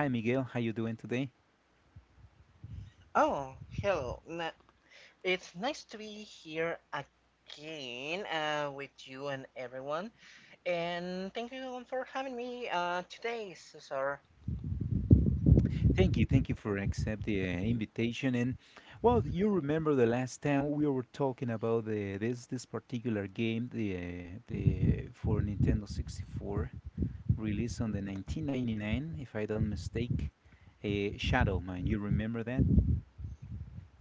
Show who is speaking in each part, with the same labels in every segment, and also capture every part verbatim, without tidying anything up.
Speaker 1: Hi, Miguel. How you doing today?
Speaker 2: Oh, hello. Na- It's nice to be here again uh, with you and everyone. And thank you for having me uh, today, Cesar.
Speaker 1: Thank you, thank you for accept the uh, invitation. And well, you remember the last time we were talking about the this this particular game, the uh, the for Nintendo sixty-four, released on the nineteen ninety-nine, if I don't mistake, uh, Shadow Mine. You remember that?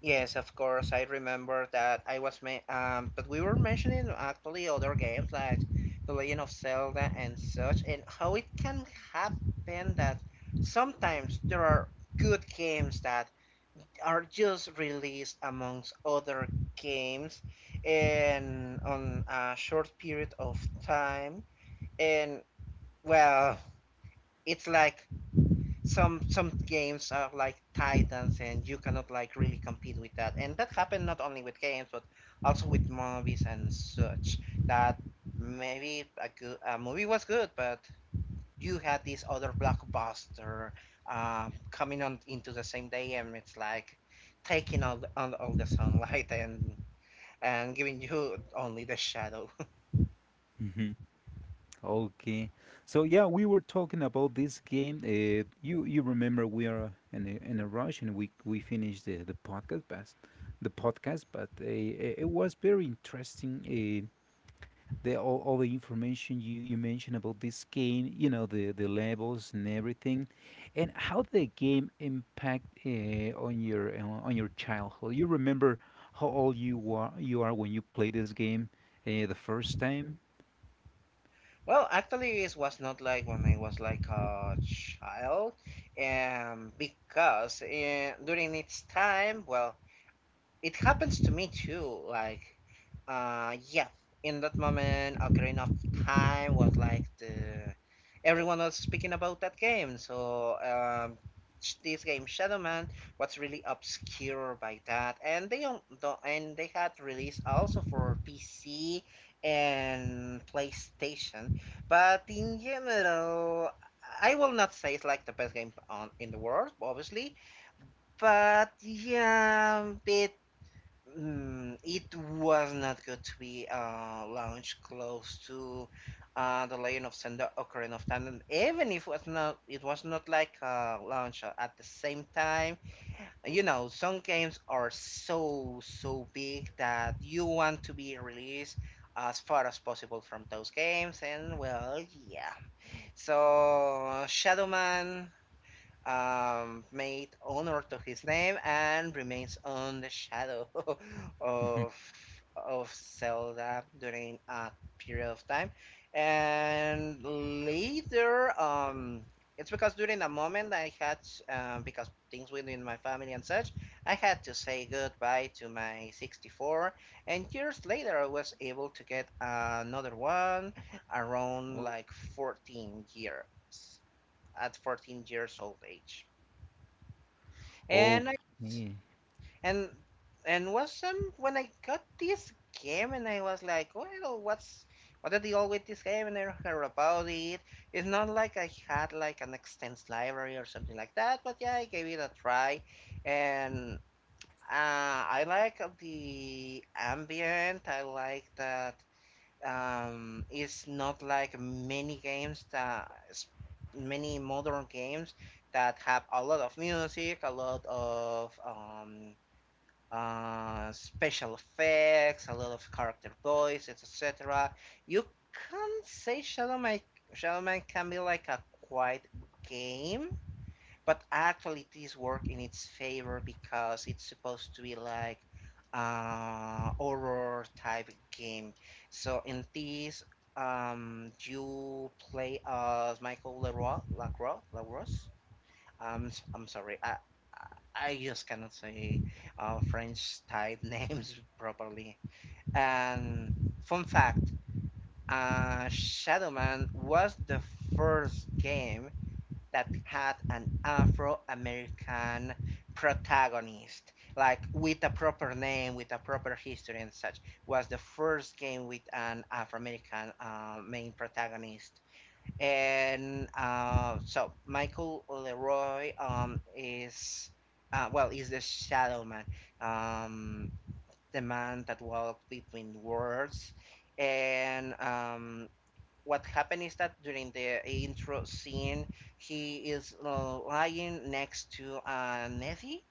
Speaker 2: Yes, of course. I remember that I was ma- um, but we were mentioning actually other games like The Legend of Zelda and such, and how it can happen that sometimes there are good games that are just released amongst other games and on a short period of time, and well, it's like some some games are like titans and you cannot like really compete with that, and that happened not only with games but also with movies and such, that maybe a, good, a movie was good but you had this other blockbuster um, coming on into the same day, and it's like taking all the, all, all the sunlight and and giving you only the shadow.
Speaker 1: Okay, so yeah, we were talking about this game. Uh, you you remember we are in a, in a rush and we we finished the, the podcast, but the podcast, but uh, uh, it was very interesting. Uh, the all, all the information you, you mentioned about this game, you know the the levels and everything, and how the game impact uh, on your uh, on your childhood. You remember how old you were you are when you played this game uh, the first time?
Speaker 2: Well, actually, it was not like when I was like a child, um, because uh, during its time, well, it happens to me too, like. Uh, yeah. In that moment, Ocarina of Time was like the everyone was speaking about that game. So um, sh- this game Shadow Man was really obscure by that, and they don't, don't and they had released also for P C and PlayStation. But in general, I will not say it's like the best game on in the world, obviously. But yeah, it Mm, it was not good to be uh, launched close to uh, the Legend of Zelda Ocarina of Time. And even if it was not, it was not like uh, launch at the same time. You know, some games are so so big that you want to be released as far as possible from those games. And well, yeah. So Shadow Man um, made honor to his name and remains on the shadow of of Zelda during a period of time. And later, um, it's because during a moment I had, um, because things within my family and such, I had to say goodbye to my sixty-four. And years later, I was able to get another one around
Speaker 1: Oh,
Speaker 2: like fourteen years at fourteen years old age. And I
Speaker 1: okay.
Speaker 2: and and was some when I got this game, and I was like, well, what's what the deal with this game? And I don't heard about it. It's not like I had like an extensive library or something like that, but yeah, I gave it a try, and uh, I like the ambient. I like that um, it's not like many games that many modern games that have a lot of music, a lot of um, uh, special effects, a lot of character voices, et cetera. You can say Shadow Man, Shadow Man can be like a quiet game, but actually, this work in its favor because it's supposed to be like uh horror type game. So in this, um, you play as Michael Leroy, Lacroix, Lacroix. Um, i I'm sorry, I I I just cannot say uh, French type names properly. And fun fact, uh, Shadow Man was the first game that had an Afro American protagonist, like with a proper name, with a proper history and such, was the first game with an Afro American uh, main protagonist. And uh, so Michael Leroy um, is, uh, well, is the Shadow Man, um, the man that walked between worlds. And um, what happened is that during the intro scene, he is uh, lying next to uh, Nettie.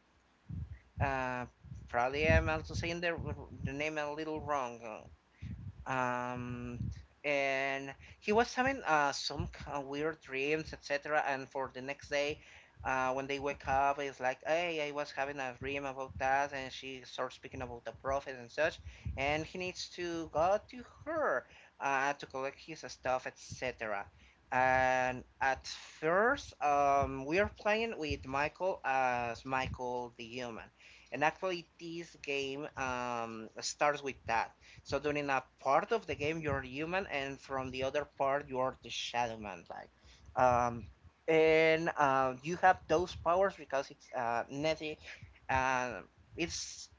Speaker 2: Uh, probably I'm also saying the, the name a little wrong. Uh, um and He was having uh some kind of weird dreams, etc., and for the next day, uh when they wake up, it's like, hey, I was having a dream about that, and she starts speaking about the prophet and such, and he needs to go to her uh to collect his stuff, etc. And at first, um we are playing with Michael as Michael the human. And actually this game um starts with that. So during a part of the game you're human, and from the other part you're the shadow man, like. Um, and uh, you have those powers because it's uh, Netty. And it's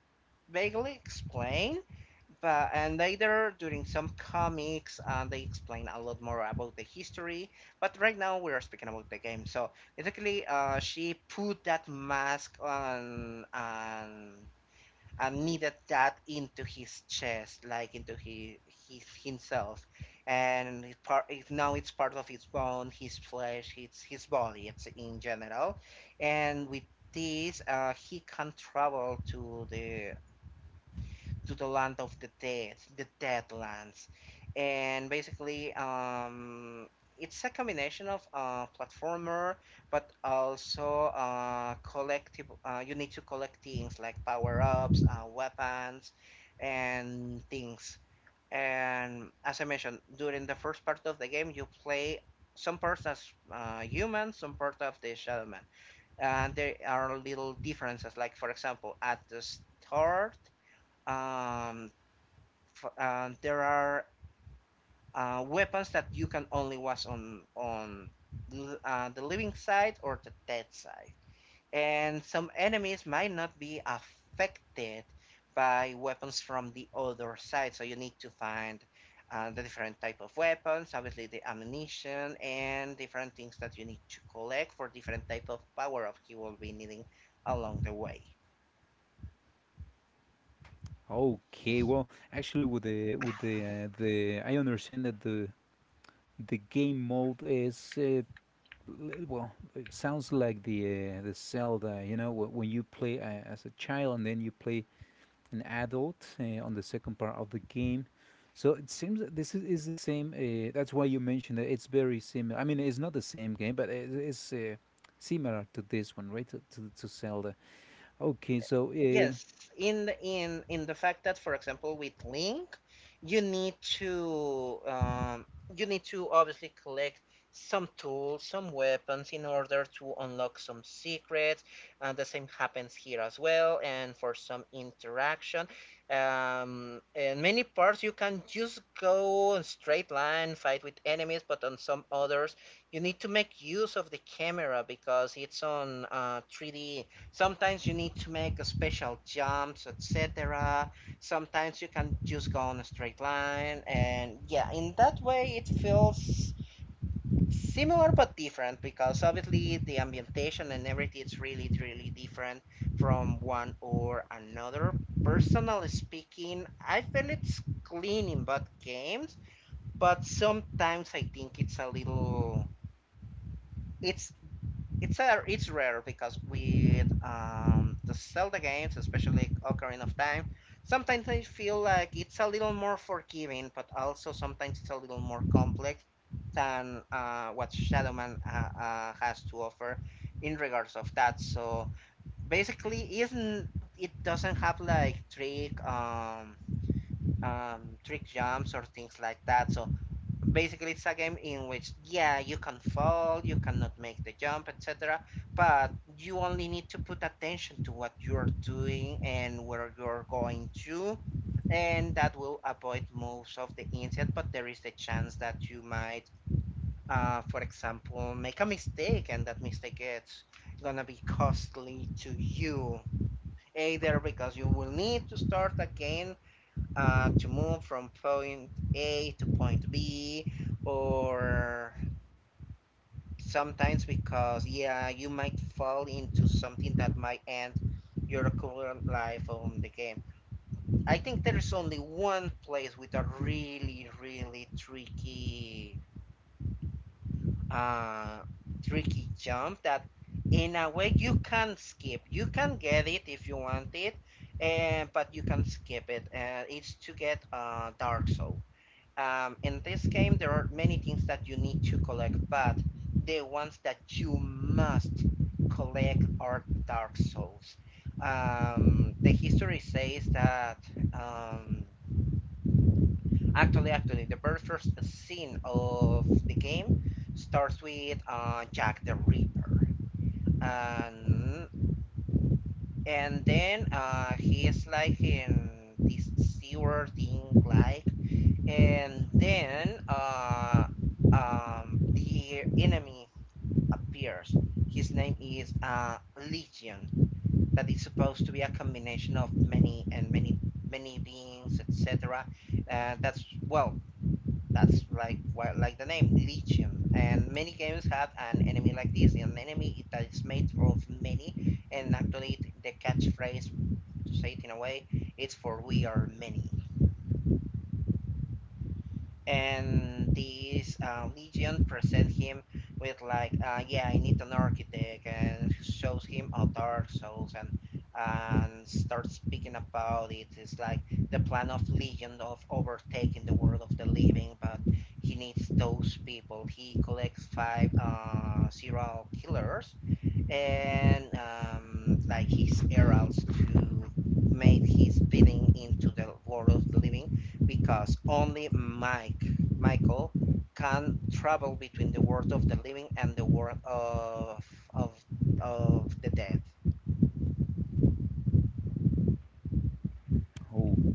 Speaker 2: vaguely explained, but and later during some comics uh, they explain a lot more about the history. But right now we are speaking about the game. So basically, uh, she put that mask on, on and needed that into his chest, like into his, his himself, and it part, it, now it's part of his bone, his flesh, his his body, it's in general, and with this, uh, he can travel to the to the land of the dead, the Deadlands. And basically, um, it's a combination of uh, platformer, but also uh, collective. Uh, you need to collect things like power ups, uh, weapons, and things. And as I mentioned, during the first part of the game, you play some parts as uh, human, some part of the shadow man. And uh, there are little differences. Like for example, at the start, um, f- uh, there are uh, weapons that you can only watch on on l- uh, the living side or the dead side, and some enemies might not be affected by weapons from the other side. So you need to find uh, the different type of weapons, obviously the ammunition and different things that you need to collect for different type of power up you will be needing along the way.
Speaker 1: Okay, well, actually, with the with the uh, the I understand that the the game mode is uh, l- well, it sounds like the uh, the Zelda, you know, wh- when you play uh, as a child and then you play an adult uh, on the second part of the game. So it seems that this is, is the same. Uh, that's why you mentioned that it's very similar. I mean, it's not the same game, but it, it's uh, similar to this one, right? To, to, to Zelda. Okay, so. Um,
Speaker 2: Yes, in the in in the fact that, for example, with Link, you need to um, you need to obviously collect some tools, some weapons in order to unlock some secrets, and the same happens here as well. And for some interaction, um, in many parts you can just go on straight line, fight with enemies, but on some others you need to make use of the camera because it's on uh, three D. Sometimes you need to make a special jumps, et cetera. Sometimes you can just go on a straight line, and yeah, in that way it feels similar but different because obviously the ambientation and everything is really really different from one or another. Personally speaking, I feel it's clean in both games, but sometimes I think it's a little it's it's a, it's rare because with um, the Zelda games, especially Ocarina of Time, sometimes I feel like it's a little more forgiving, but also sometimes it's a little more complex than uh, what Shadow Man uh, uh, has to offer in regards of that. So basically, isn't it doesn't have like trick um, um, trick jumps or things like that. So basically it's a game in which yeah you can fall, you cannot make the jump, etc., but you only need to put attention to what you're doing and where you're going to, and that will avoid most of the incident. But there is the chance that you might uh, for example make a mistake, and that mistake is gonna be costly to you, either because you will need to start again uh, to move from point A to point B, or sometimes because, yeah, you might fall into something that might end your current life on the game. I think there's only one place with a really, really tricky, uh, tricky jump that in a way you can skip. You can get it if you want it, and but you can skip it. And it's to get uh, Dark Soul. Um, in this game, there are many things that you need to collect, but the ones that you must collect are Dark Souls. Um, the history says that um, actually, actually, the very first scene of the game starts with uh, Jack the Ripper, and and then uh, he is like in this sewer thing, like, and then uh, um, the enemy appears. His name is uh, Legion. That is supposed to be a combination of many and many many beings, et cetera. Uh, that's well, that's like well, like the name Legion. And many games have an enemy like this, an enemy that is made of many. And actually, the catchphrase, to say it in a way, it's for we are many. And this uh, legion present him with like, uh, yeah, I need an architect, and shows him a dark souls, and and starts speaking about it. It's like the plan of Legion of overtaking the world of the living, but he needs those people. He collects five uh, serial killers and um, like his heralds to make his bidding into the world of the living because only Mike, Michael can travel between the world of the living and the world of of of the dead.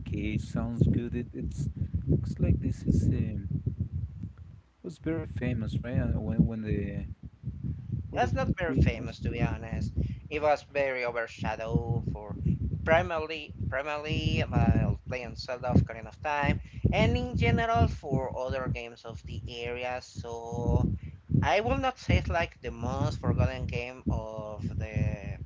Speaker 1: Okay, sounds good. It it's looks like this is um was very famous, right? Uh, When when the when the
Speaker 2: That's not very
Speaker 1: game was
Speaker 2: famous to be honest. It was very overshadowed for primarily primarily uh, playing Zelda of Ocarina of Time and in general for other games of the area, so I will not say it's like the most forgotten game of the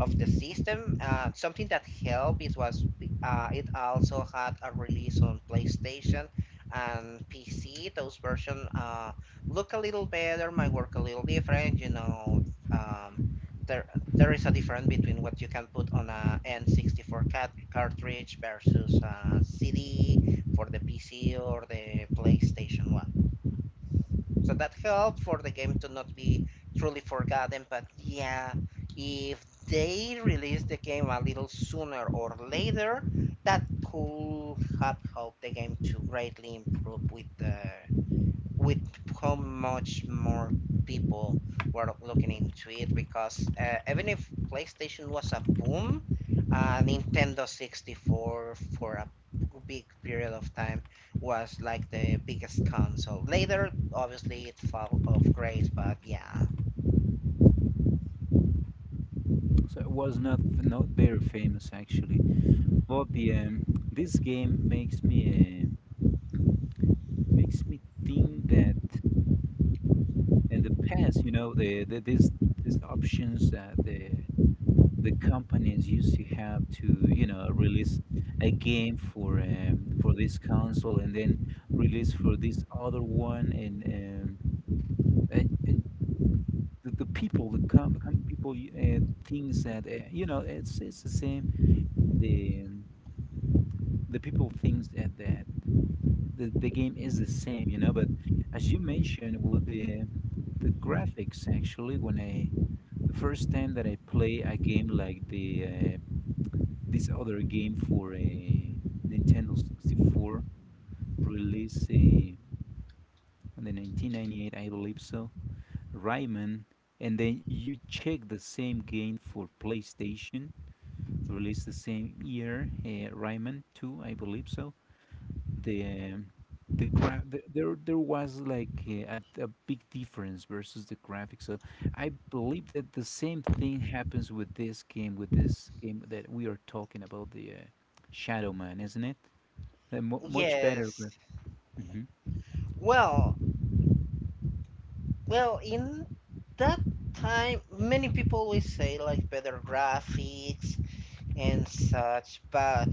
Speaker 2: of the system. Uh, something that helped it was uh, it also had a release on PlayStation and P C. Those versions uh, look a little better, might work a little different. You know, um, there there is a difference between what you can put on a N sixty-four cat- cartridge versus a C D for the P C or the PlayStation One. So that helped for the game to not be truly forgotten. But yeah, if they release the game a little sooner or later, that could have helped the game to greatly improve with the with how much more people were looking into it because uh, even if PlayStation was a boom, uh, Nintendo sixty-four for a big period of time was like the biggest console. Later, obviously, it fell off grace, but yeah.
Speaker 1: so it was not f- not very famous actually. Well, the um this game makes me uh, makes me think that in the past, you know, the, the these these options that the the companies used to have to you know release a game for um for this console and then release for this other one and um, and, and the, the people the com- common people y- uh, thinks that uh, you know it's it's the same the um, the people thinks that, that the, the game is the same you know but as you mentioned well the the graphics actually when I the first time that I play a game like the uh, this other game for a nintendo sixty-four release uh, on the nineteen ninety-eight I believe so Rayman, and then you check the same game for PlayStation, released the same year, uh, Rayman two, I believe so. The um, the graph the, there there was like uh, a, a big difference versus the graphics. So I believe that the same thing happens with this game, with this game that we are talking about, the uh, Shadow Man, isn't it? A mu much better
Speaker 2: Yes.
Speaker 1: graph. Hmm.
Speaker 2: Well, well, in that time, many people will say like better graphics and such, but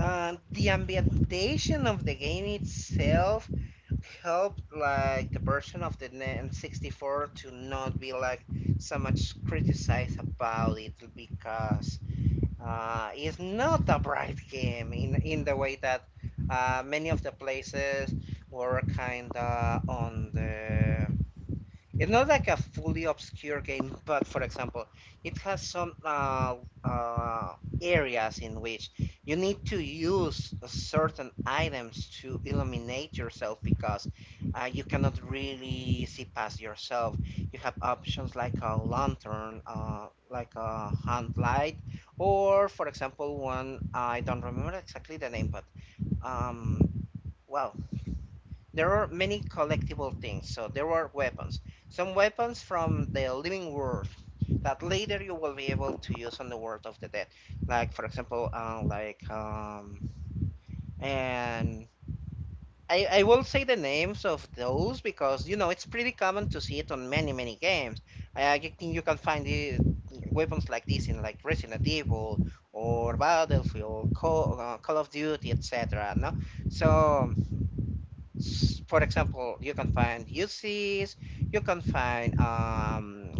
Speaker 2: and the ambientation of the game itself helped like the version of the N- N64 to not be like so much criticized about it because uh, it's not a bright game in in the way that uh, many of the places were kind of on the. It's not like a fully obscure game, but for example, it has some uh, uh, areas in which you need to use certain items to illuminate yourself because uh, you cannot really see past yourself. You have options like a lantern, uh, like a hand light, or for example, one I don't remember exactly the name, but um, well, there are many collectible things. So there are weapons, some weapons from the living world that later you will be able to use on the world of the dead. Like for example, uh, like um, and I, I will say the names of those because you know it's pretty common to see it on many many games. I, I think you can find the weapons like this in like Resident Evil or Battlefield, Call, uh, Call of Duty, et cetera. No, so s- for example, you can find U Cs, you can find um,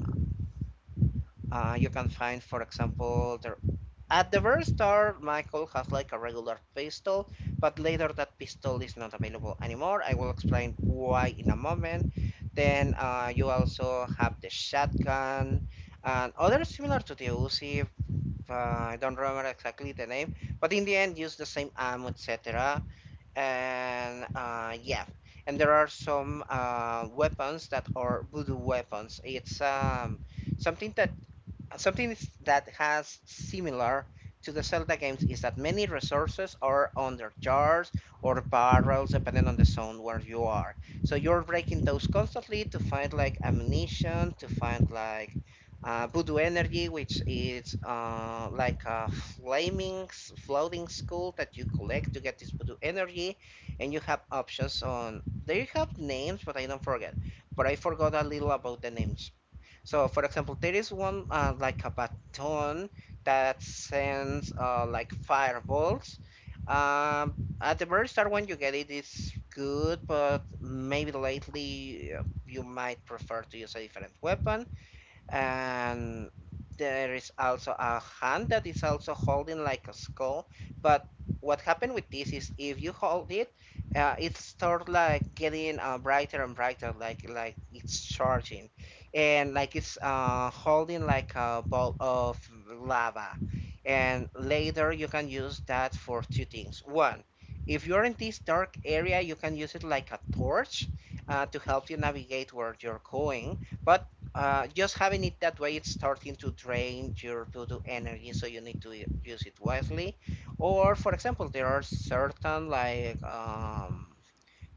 Speaker 2: uh, you can find, for example, the, at the very start, Michael has like a regular pistol, but later that pistol is not available anymore. I will explain why in a moment. Then uh, you also have the shotgun and other similar to the U C. Uh, I don't remember exactly the name, but in the end, use the same ammo, etc and uh, yeah, and there are some uh, weapons that are voodoo weapons. It's um something that uh, Something is- that has similar to the Zelda games is that many resources are under jars or barrels, depending on the zone where you are. So you're breaking those constantly to find like ammunition, to find like uh, voodoo energy, which is uh, like a flaming s- floating skull that you collect to get this voodoo energy, and you have options on. They have names, but I don't forget. But I forgot a little about the names. So, for example, there is one uh, like a baton that sends uh, like fireballs. Um, at the very start, when you get it, it's good, but maybe lately uh, you might prefer to use a different weapon, and there is also a hand that is also holding like a skull, but what happened with this is if you hold it, uh, it starts like getting uh, brighter and brighter, like like it's charging, and like it's uh, holding like a ball of lava, and later you can use that for two things. One, if you're in this dark area, you can use it like a torch uh, to help you navigate where you're going, but uh, just having it that way, it's starting to drain your to energy, so you need to use it wisely. Or for example, there are certain like um,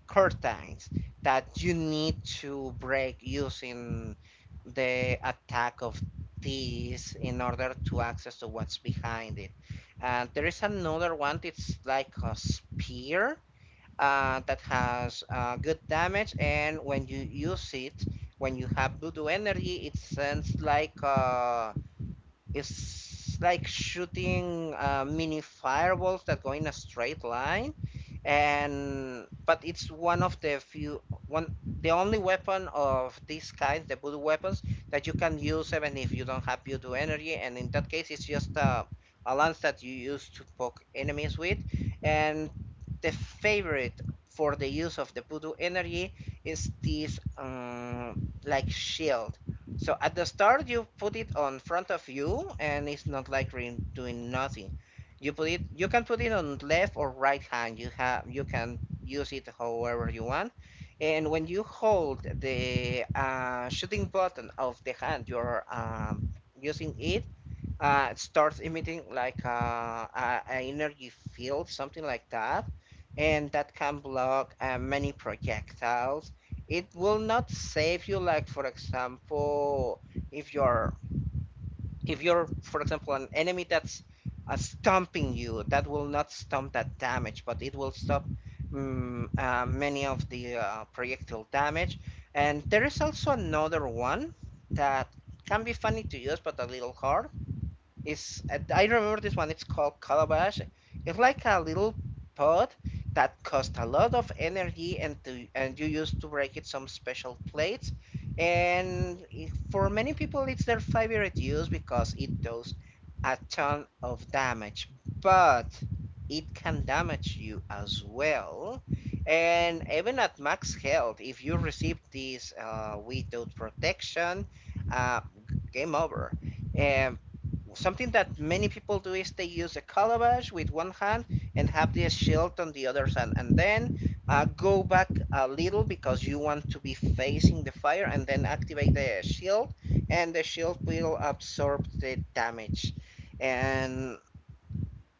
Speaker 2: curtains that you need to break using the attack of these in order to access to what's behind it. And there is another one, it's like a spear uh, that has uh, good damage, and when you use it, when you have voodoo energy, it sends like uh, it's like shooting uh, mini fireballs that go in a straight line, and but it's one of the few, one, the only weapon of this kind, the voodoo weapons, that you can use even if you don't have voodoo energy, and in that case, it's just a a lance that you use to poke enemies with, and the favorite for the use of the voodoo energy is this um, like shield. So at the start, you put it on front of you, and it's not like re- doing nothing. You put it. You can put it on left or right hand. You have. You can use it however you want. And when you hold the uh, shooting button of the hand you're um, using it, uh, it starts emitting like uh, a, a energy field, something like that, and that can block uh, many projectiles. It will not save you, like for example, if you're if you're for example an enemy that's uh, stomping you, that will not stop that damage, but it will stop mm uh, many of the uh, projectile damage. And there is also another one that can be funny to use, but a little hard. It's uh, I remember this one. It's called Calabash. It's like a little pot that costs a lot of energy, and to, and you use to break it some special plates. And i- for many people, it's their favorite use because it does a ton of damage, but it can damage you as well. And even at max health, if you receive this uh, without protection, uh, game over. Um, Something that many people do is they use a calabash with one hand and have the shield on the other hand, and then uh, go back a little because you want to be facing the fire, and then activate the shield, and the shield will absorb the damage. And,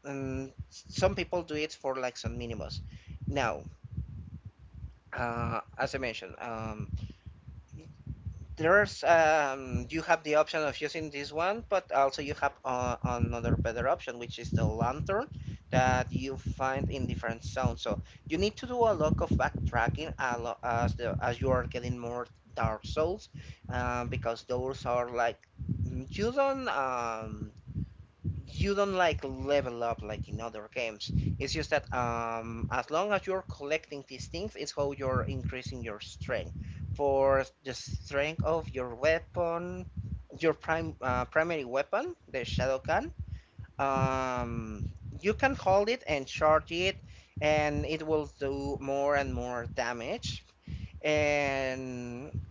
Speaker 2: and some people do it for like some minimus. Now, uh, as I mentioned, um, there's um you have the option of using this one, but also you have uh, another better option, which is the lantern that you find in different zones, so you need to do a lot of backtracking, a lot, as the as you are getting more dark souls, um, because those are like mm, you don't um you don't like level up like in other games. It's just that um, as long as you're collecting these things, it's how you're increasing your strength. For the strength of your weapon, your prime uh, primary weapon, the shadow can, um, you can hold it and charge it, and it will do more and more damage. And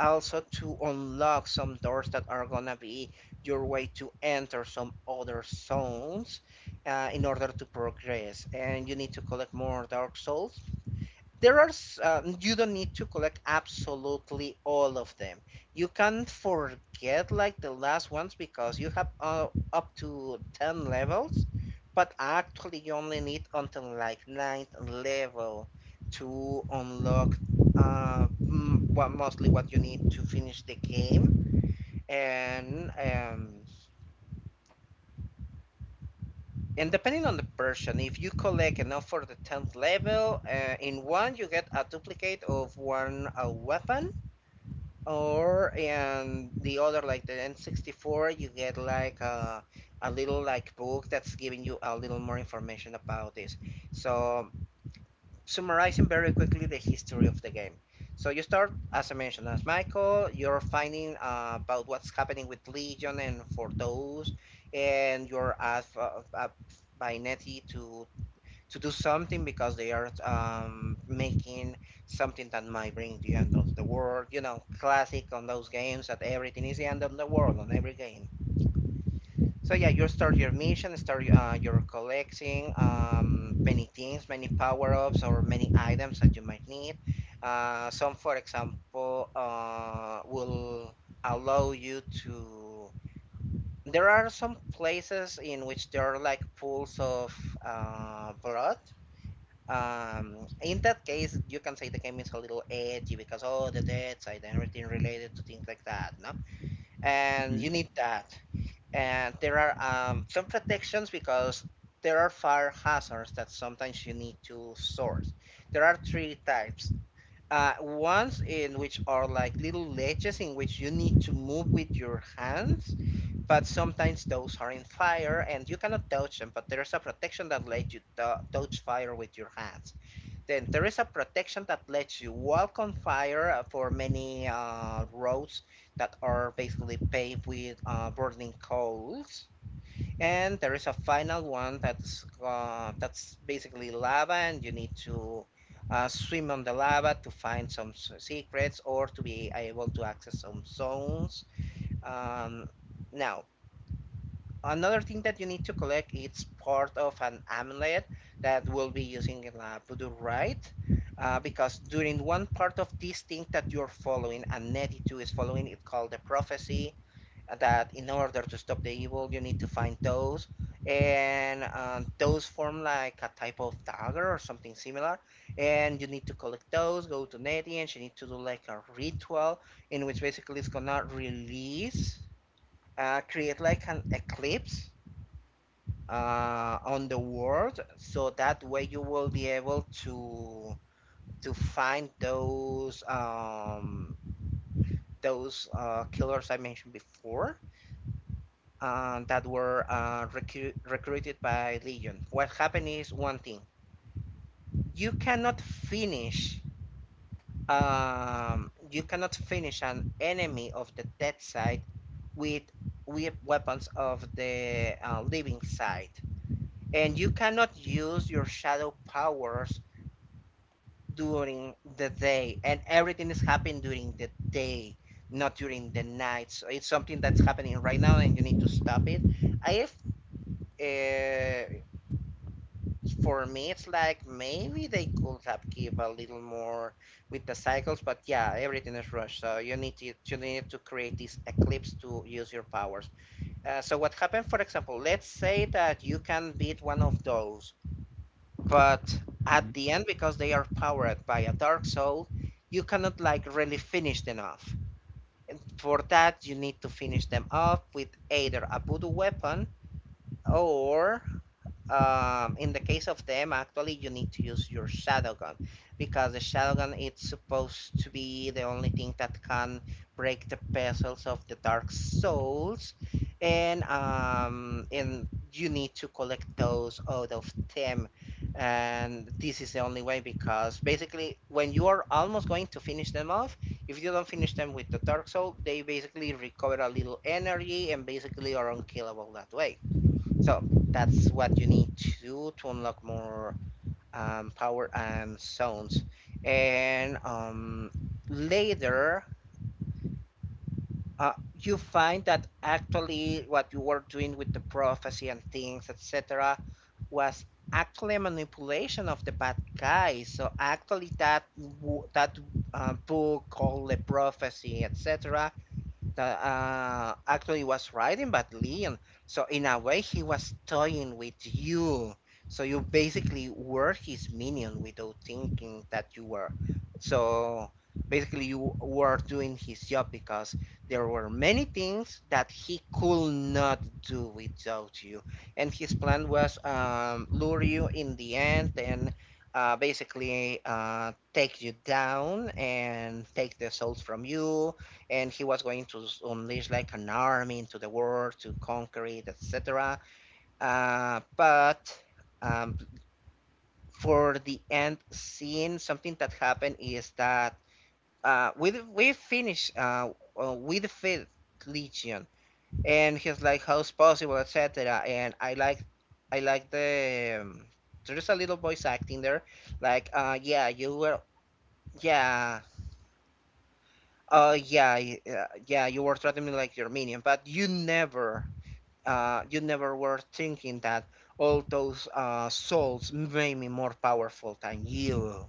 Speaker 2: also to unlock some doors that are gonna be your way to enter some other zones uh, in order to progress, and you need to collect more dark souls. There are s- um, you don't need to collect absolutely all of them. You can forget like the last ones because you have uh, up to ten levels, but actually you only need until like ninth level to unlock uh m- what mostly what you need to finish the game. And um and depending on the person, if you collect enough for the tenth level, uh, in one you get a duplicate of one uh, weapon. Or and the other like the N sixty-four, you get like a a little like book that's giving you a little more information about this. So summarizing very quickly the history of the game. So you start, as I mentioned, as Michael, you're finding uh, about what's happening with Legion and for those, and you're asked uh, uh, by Nettie to to do something because they are um, making something that might bring the end of the world. You know, classic on those games that everything is the end of the world on every game. So yeah, you start your mission, start uh, your collecting um, many things, many power ups or many items that you might need. Uh, some, for example, uh, will allow you to. There are some places in which there are like pools of uh, blood. Um, in that case, you can say the game is a little edgy because all the dead side and everything related to things like that, no? And
Speaker 1: Hmm.
Speaker 2: you need that. And there are um, some protections because there are fire hazards that sometimes you need to source. There are three types. Uh, ones in which are like little ledges in which you need to move with your hands, but sometimes those are in fire and you cannot touch them, but there's a protection that lets you touch fire with your hands. Then there is a protection that lets you walk on fire uh, for many uh, roads that are basically paved with uh, burning coals. And there is a final one that's uh, that's basically lava and you need to uh, swim on the lava to find some secrets or to be able to access some zones. um, Now, another thing that you need to collect, it's part of an amulet that we'll be using in a voodoo rite. Uh, because during one part of this thing that you're following, and Nettie too is following, it called the prophecy, uh, that in order to stop the evil, you need to find those. And uh, those form like a type of dagger or something similar. And you need to collect those, go to Nettie, and she needs to do like a ritual in which basically it's gonna release, uh, create like an eclipse uh, on the world so that way you will be able to to find those, um, those uh, killers I mentioned before, uh, that were uh, recru- recruited by Legion. What happened is one thing, you cannot finish um, you cannot finish an enemy of the dead side with with weapons of the uh, living side, and you cannot use your shadow powers during the day, and everything is happening during the day, not during the night. So it's something that's happening right now and you need to stop it. I if uh, for me, it's like maybe they could have give a little more with the cycles, but yeah, everything is rushed, so you need to you need to create this eclipse to use your powers. Uh, so what happened, for example, let's say that you can beat one of those, but
Speaker 1: Hmm.
Speaker 2: at the end, because they are powered by a dark soul, you cannot like really finish them off. And for that, you need to finish them off with either a voodoo weapon, or um, in the case of them, actually you need to use your shadow gun, because the shadow gun, it's supposed to be the only thing that can break the puzzles of the dark souls. And um and you need to collect those out of them. And this is the only way, because basically when you are almost going to finish them off, if you don't finish them with the dark soul, they basically recover a little energy and basically are unkillable that way. So that's what you need to do to unlock more um, power and zones. And um, later, uh, you find that actually what you were doing with the prophecy and things, et cetera, was actually manipulation of the bad guys. So actually, that that uh, book called the prophecy, et cetera, that uh, actually was riding but Leon. So in a way, he was toying with you. So you basically were his minion without thinking that you were. So basically, you were doing his job because there were many things that he could not do without you. And his plan was um, lure you in the end and uh, basically uh, take you down and take the souls from you, and he was going to unleash like an army into the world to conquer it, et cetera. Uh, but um, for the end scene, something that happened is that uh, we we finish uh, uh, with the fifth legion, and he's like, "How's possible?" et cetera. And I like I like the um, there's a little voice acting there, like, uh, "Yeah, you were, yeah." Oh uh, yeah, uh, yeah. You were treating me like your minion, but you never uh, you never were thinking that all those uh, souls made me more powerful than you.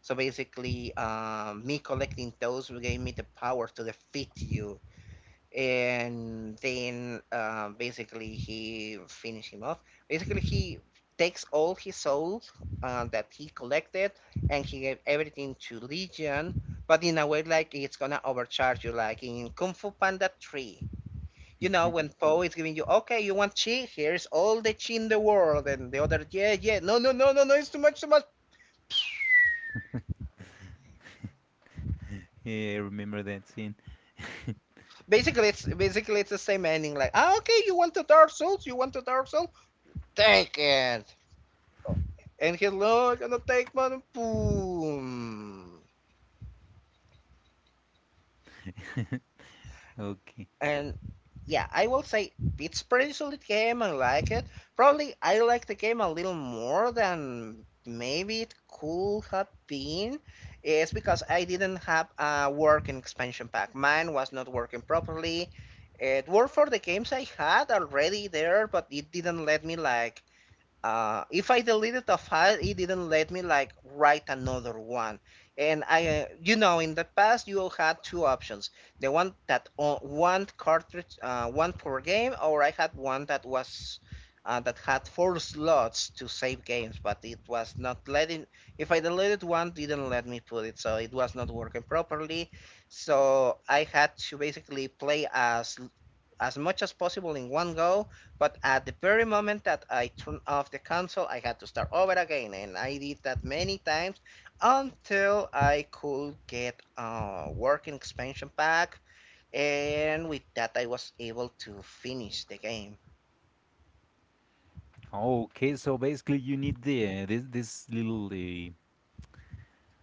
Speaker 2: So basically, uh, me collecting those gave me the power to defeat you. And then uh, basically, he finished him off. Basically, he takes all his souls uh, that he collected, and he gave everything to Legion, but in a way, like, it's gonna overcharge you, like in Kung Fu Panda three. You know, when Poe is giving you, okay, you want chi? Here's all the chi in the world, and the other, yeah, yeah, no, no, no, no, no, it's too much, too much.
Speaker 1: Yeah, I remember that scene.
Speaker 2: Basically, it's basically it's the same ending, like, ah, okay, you want the Dark Souls, you want the Dark Souls, take it, and he's like, I'm gonna take one, boom.
Speaker 1: Okay.
Speaker 2: And yeah, I will say it's pretty solid game. I like it. Probably I like the game a little more than maybe it could have been. It's because I didn't have a working expansion pack. Mine was not working properly. It worked for the games I had already there, but it didn't let me like uh, if I deleted a file, it didn't let me like write another one. And I, uh, you know, in the past you all had two options: the one that o- one cartridge, uh, one per game, or I had one that was uh, that had four slots to save games, but it was not letting. If I deleted one, it didn't let me put it, so it was not working properly. So I had to basically play as as much as possible in one go, but at the very moment that I turned off the console, I had to start over again, and I did that many times until I could get a working expansion pack, and with that I was able to finish the game.
Speaker 1: Okay, so basically you need the uh, this this little uh,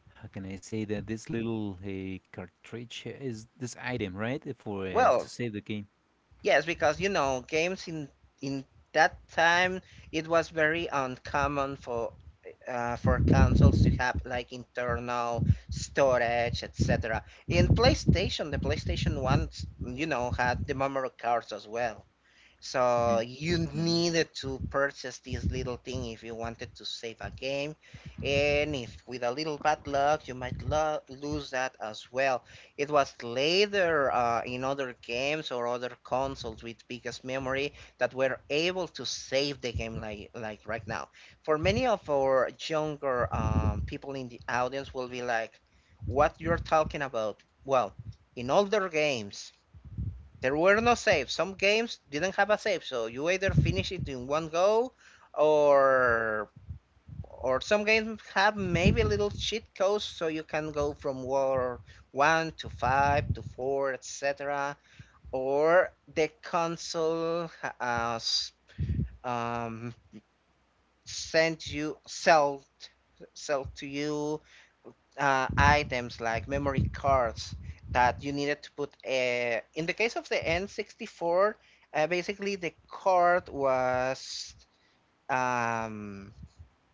Speaker 1: how can I say that this little uh, cartridge is this item, right? Uh, for uh, to
Speaker 2: Well,
Speaker 1: save the game.
Speaker 2: yes, because you know, games in in that time, it was very uncommon for uh, for consoles to have like internal storage, et cetera. In PlayStation, the PlayStation One, you know, had the memory cards as well. So
Speaker 1: Hmm.
Speaker 2: you
Speaker 1: Memory.
Speaker 2: needed to purchase this little thing if you wanted to save a game, and if with a little bad luck, you might lo- lose that as well. It was later uh, in other games or other consoles with biggest memory that were able to save the game like like right now. For many of our younger um, people in the audience will be like, "What you're talking about?" Well, in older games there were no saves. Some games didn't have a save, so you either finish it in one go, or or some games have maybe little cheat codes, so you can go from war one to five to four, et cetera. Or the console has um, sent you sell sell to you uh, items like memory cards that you needed to put. Uh, in the case of the N sixty-four, uh, basically the card was um,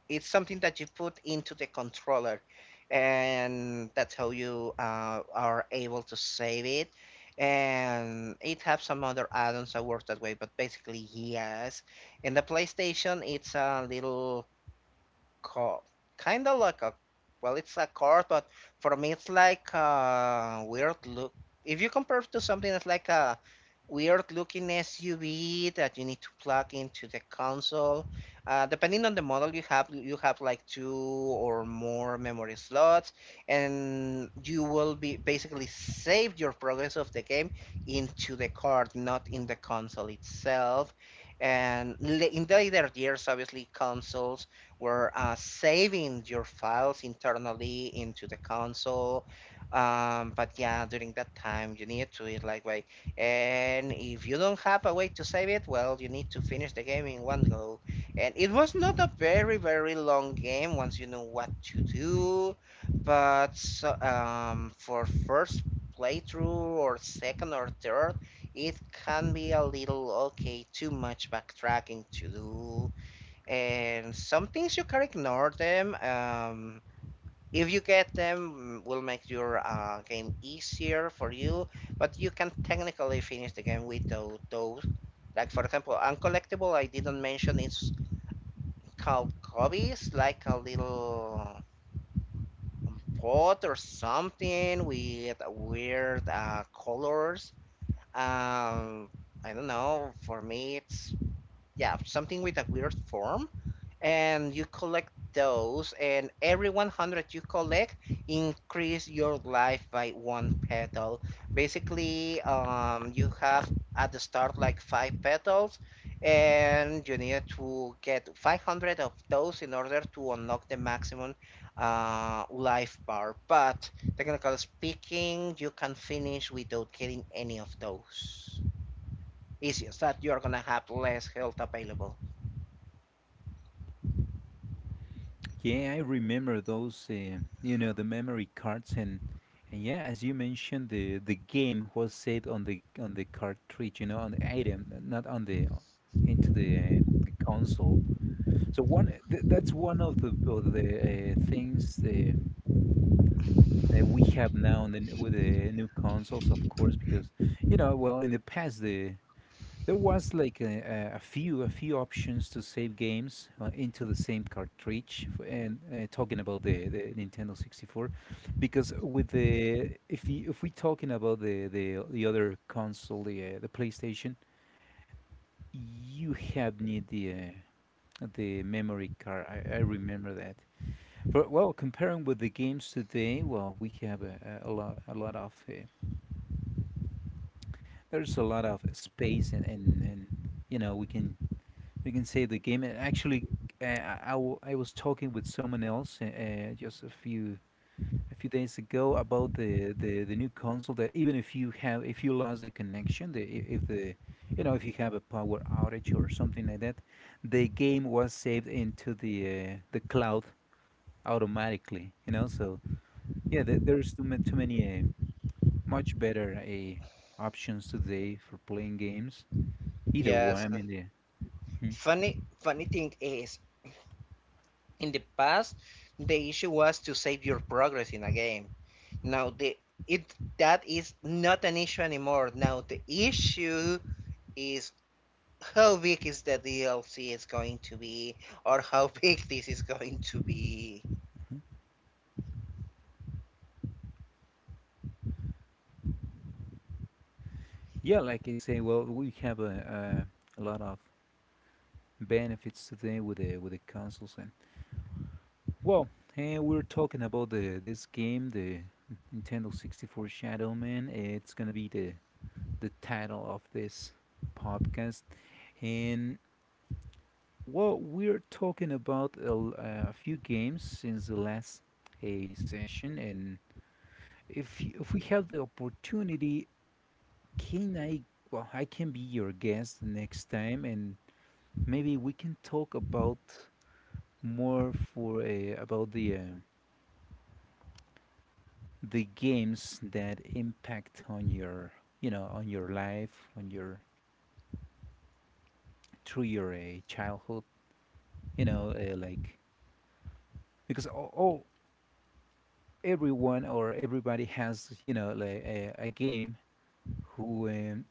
Speaker 2: it's something that you put into the controller, and that's how you uh, are able to save it. And it has some other add-ons that work that way, but basically yes. In the PlayStation, it's a little card, kind of like a, well, it's a card, but for me it's like a weird look. If you compare it to something that's like a weird looking S U V that you need to plug into the console, uh, depending on the model you have, you have like two or more memory slots, and you will be basically save your progress of the game into the card, not in the console itself. And in the later years, obviously, consoles we're uh, saving your files internally into the console. Um, but yeah, during that time, you need to it like way. And if you don't have a way to save it, well, you need to finish the game in one go. And it was not a very, very long game once you know what to do. But so, um, for first playthrough or second or third, it can be a little okay, too much backtracking to do, and some things you can ignore them um if you get them mm, will make your uh, game easier for you, but you can technically finish the game without those. Like for example, uncollectible I didn't mention, it's called cubbies, like a little pot or something with weird uh, colors. um I don't know, for me it's yeah, something with a weird form. And you collect those, and every one hundred you collect increase your life by one petal. Basically, um, you have at the start like five petals, and you need to get five hundred of those in order to unlock the maximum uh, life bar. But technically speaking, you can finish without getting any of those. Easiest that you're gonna have less health available.
Speaker 1: Yeah, I remember those uh, you know the memory cards and and yeah, as you mentioned the the game was saved on the on the cartridge, you know, on the item, not on the into the, uh, the console. So one th that's one of the of the uh, things uh, that we have now in the, n- with the new consoles, of course, because you know, well, in the past, the there was like a, a a few a few options to save games uh, into the same cartridge. f- And uh, talking about the, the Nintendo sixty-four, because with the if you, if we talking about the the, the other console, the uh, the PlayStation, you have need the uh, the memory card. I, I remember that. For, well, comparing with the games today, well, we have a, a a lot a lot of uh, there's a lot of space and and, and you know we can we can save the game and actually uh, I, I w- I was talking with someone else uh, uh, just a few a few days ago about the, the the new console that even if you have if you lost the connection the i- if the you know if you have a power outage or something like that the game was saved into the uh, the cloud automatically you know so yeah there, there's too, ma- too many uh, much better uh, options today for playing games either one,
Speaker 2: Yes.
Speaker 1: I mean, yeah, mhm,
Speaker 2: Funny funny thing is, in the past, the issue was to save your progress in a game. Now the it that is not an issue anymore. Now the issue is how big is the D L C is going to be, or how big this is going to be.
Speaker 1: mhm. Yeah, like I say, well, we have a, a, a lot of benefits today with the with the consoles, and well, eh, we're talking about the this game, the Nintendo sixty-four Shadow Man. It's gonna be the the title of this podcast, and well, we're talking about a, l- a few games since the last a session, and if y- if we have the opportunity, can I? Well, I can be your guest next time, and maybe we can talk about more for uh, about the uh, the games that impact on your you know on your life, on your through your uh, childhood. You know, uh, like because all, all everyone or everybody has you know like a, a game who um,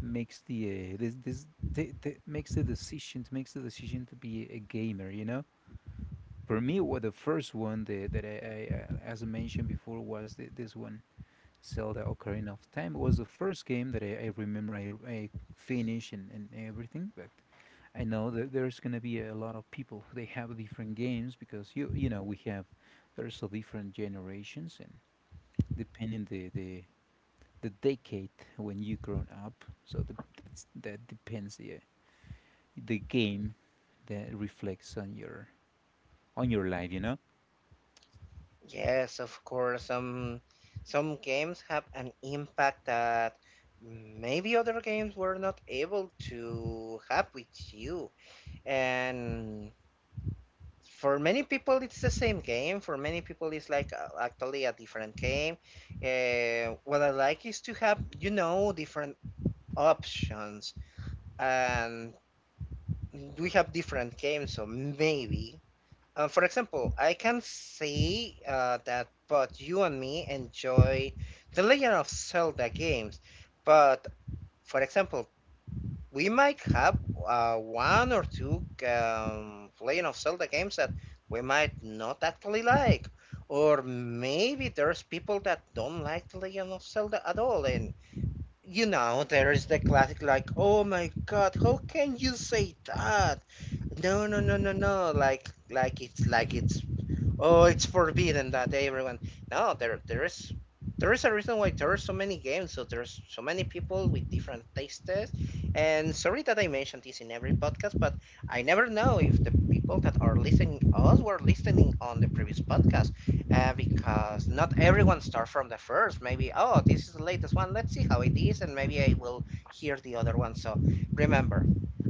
Speaker 1: makes the uh, this this. The, the, makes the decision makes the decision to be a gamer you know. For me, what the first one that, that I, I, uh, as I mentioned before, was the, this one, Zelda Ocarina of Time. It was the first game that I, I remember I, I finished and, and everything. But I know that there's gonna be a lot of people who they have different games because you you know we have there's a different generations and depending the the the decade when you grown up. So the, that's that depends the the game that reflects on your on your life. You know.
Speaker 2: Yes, of course. Some some games have an impact that maybe other games were not able to have with you, and for many people it's the same game, for many people it's like uh, actually a different game. Uh, what I like is to have, you know, different options. And we have different games, so maybe uh, for example, I can say uh, that both you and me enjoy the Legend of Zelda games, but for example, we might have uh, one or two um, playing of Zelda games that we might not actually like, or maybe there's people that don't like The Legend of Zelda at all. And you know, there is the classic like, oh my god, how can you say that? No, no, no, no, no, like like it's like it's oh, it's forbidden that everyone. No, there there is there is a reason why there are so many games. So there's so many people with different tastes. And sorry that I mentioned this in every podcast, but I never know if the people that are listening us were listening on the previous podcast, uh, because not everyone starts from the first. Maybe oh, this is the latest one. Let's see how it is, and maybe I will hear the other one. So remember,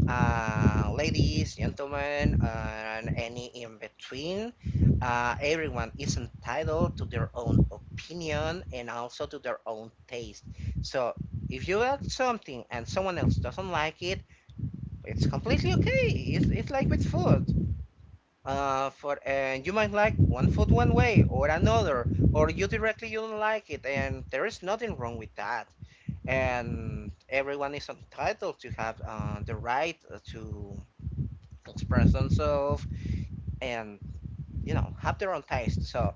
Speaker 2: uh, ladies, gentlemen, uh, and any in between, uh, everyone is entitled to their own opinion and also to their own taste. So if you like something and someone else doesn't like it, it's completely okay. It's, it's like with food. Uh, for, and you might like one food one way or another, or you directly you don't like it, and there is nothing wrong with that. And everyone is entitled to have uh, the right to express themselves and, you know, have their own taste. So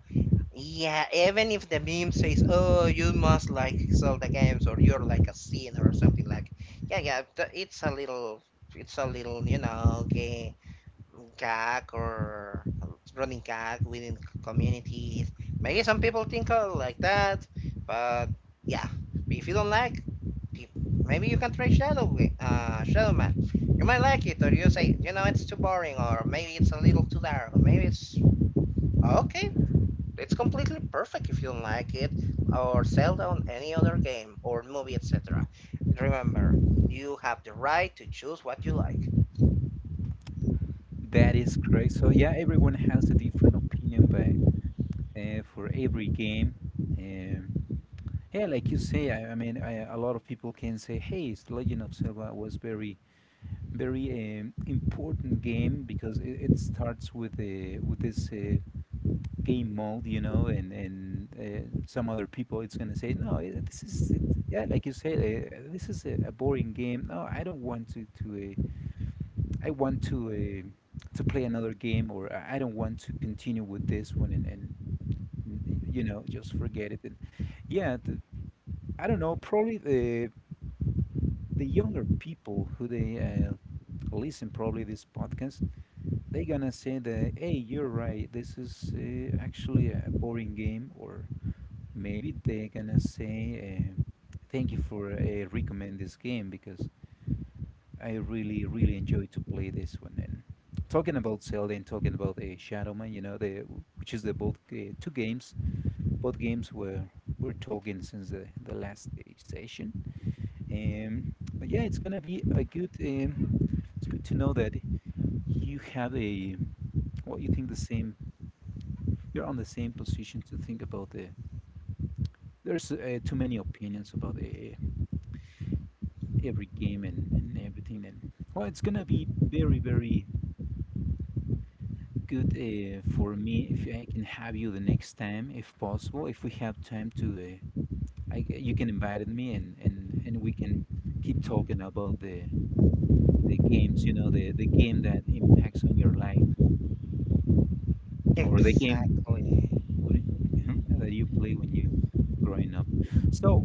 Speaker 2: yeah, even if the meme says, "Oh, you must like sell the games, or you're like a sinner, or something like," yeah, yeah, th- it's a little, it's a little, you know, gay gag or running gag within c- communities. Maybe some people think uh, like that, but yeah, if you don't like, pe- maybe you can try Shadow, Wi- uh, Shadow Man. You might like it, or you say, you know, it's too boring, or maybe it's a little too dark, or maybe it's okay. It's completely perfect if you don't like it, or sell down any other game, or movie, et cetera. Remember, you have the right to choose what you like.
Speaker 1: That is correct. So yeah, everyone has a different opinion by uh, for every game. Um, yeah, like you say, I, I mean, I, a lot of people can say, "Hey, it's Legend of Zelda was very, very um, important game because it, it starts with the with this uh, game mode, you know." And and uh, some other people, it's gonna say, "No, eh, this is it, yeah, like you say, uh, this is a, a boring game. No, I don't want to to." Uh, I want to uh, to play another game, or I I don't want to continue with this one, and, and n- y- you know, just forget it. And yeah, the, I don't know. Probably the the younger people who they uh, listen probably this podcast, they gonna say that, hey, you're right. This is uh, actually a boring game, or maybe they gonna say, uh, thank you for uh, recommend this game because I really, really enjoy to play this one. And talking about Zelda and talking about the Shadow Man, you know, the which is the both uh, two games, both games were we're talking since the the last uh, session. Um, but yeah, it's gonna be a good. Um, it's good to know that you have a well, you think the same. You're on the same position to think about the. There's uh, too many opinions about uh, every game and, and everything, and well, it's gonna be very, very good uh, for me if I can have you the next time, if possible. If we have time to, uh, I, g- you can invite me and, and, and we can keep talking about the the games. You know, the the game that impacts on your life or the game
Speaker 2: Exactly.
Speaker 1: what- that you play when you growing up. So,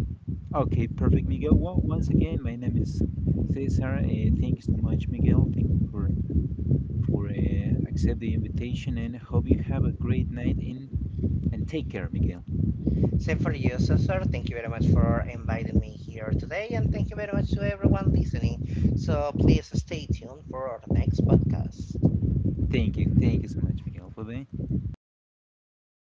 Speaker 1: okay, perfect, Miguel. Well, once again, my name is Cesar. Uh, thank you so much, Miguel. Thank you for for uh, accept the invitation and hope you have a great night in and take care, Miguel.
Speaker 2: Same for you, so sir. Thank you very much for inviting me here today, and thank you very much to everyone listening. So please stay tuned for our next podcast.
Speaker 1: Thank you, thank you so much, Miguel, for being.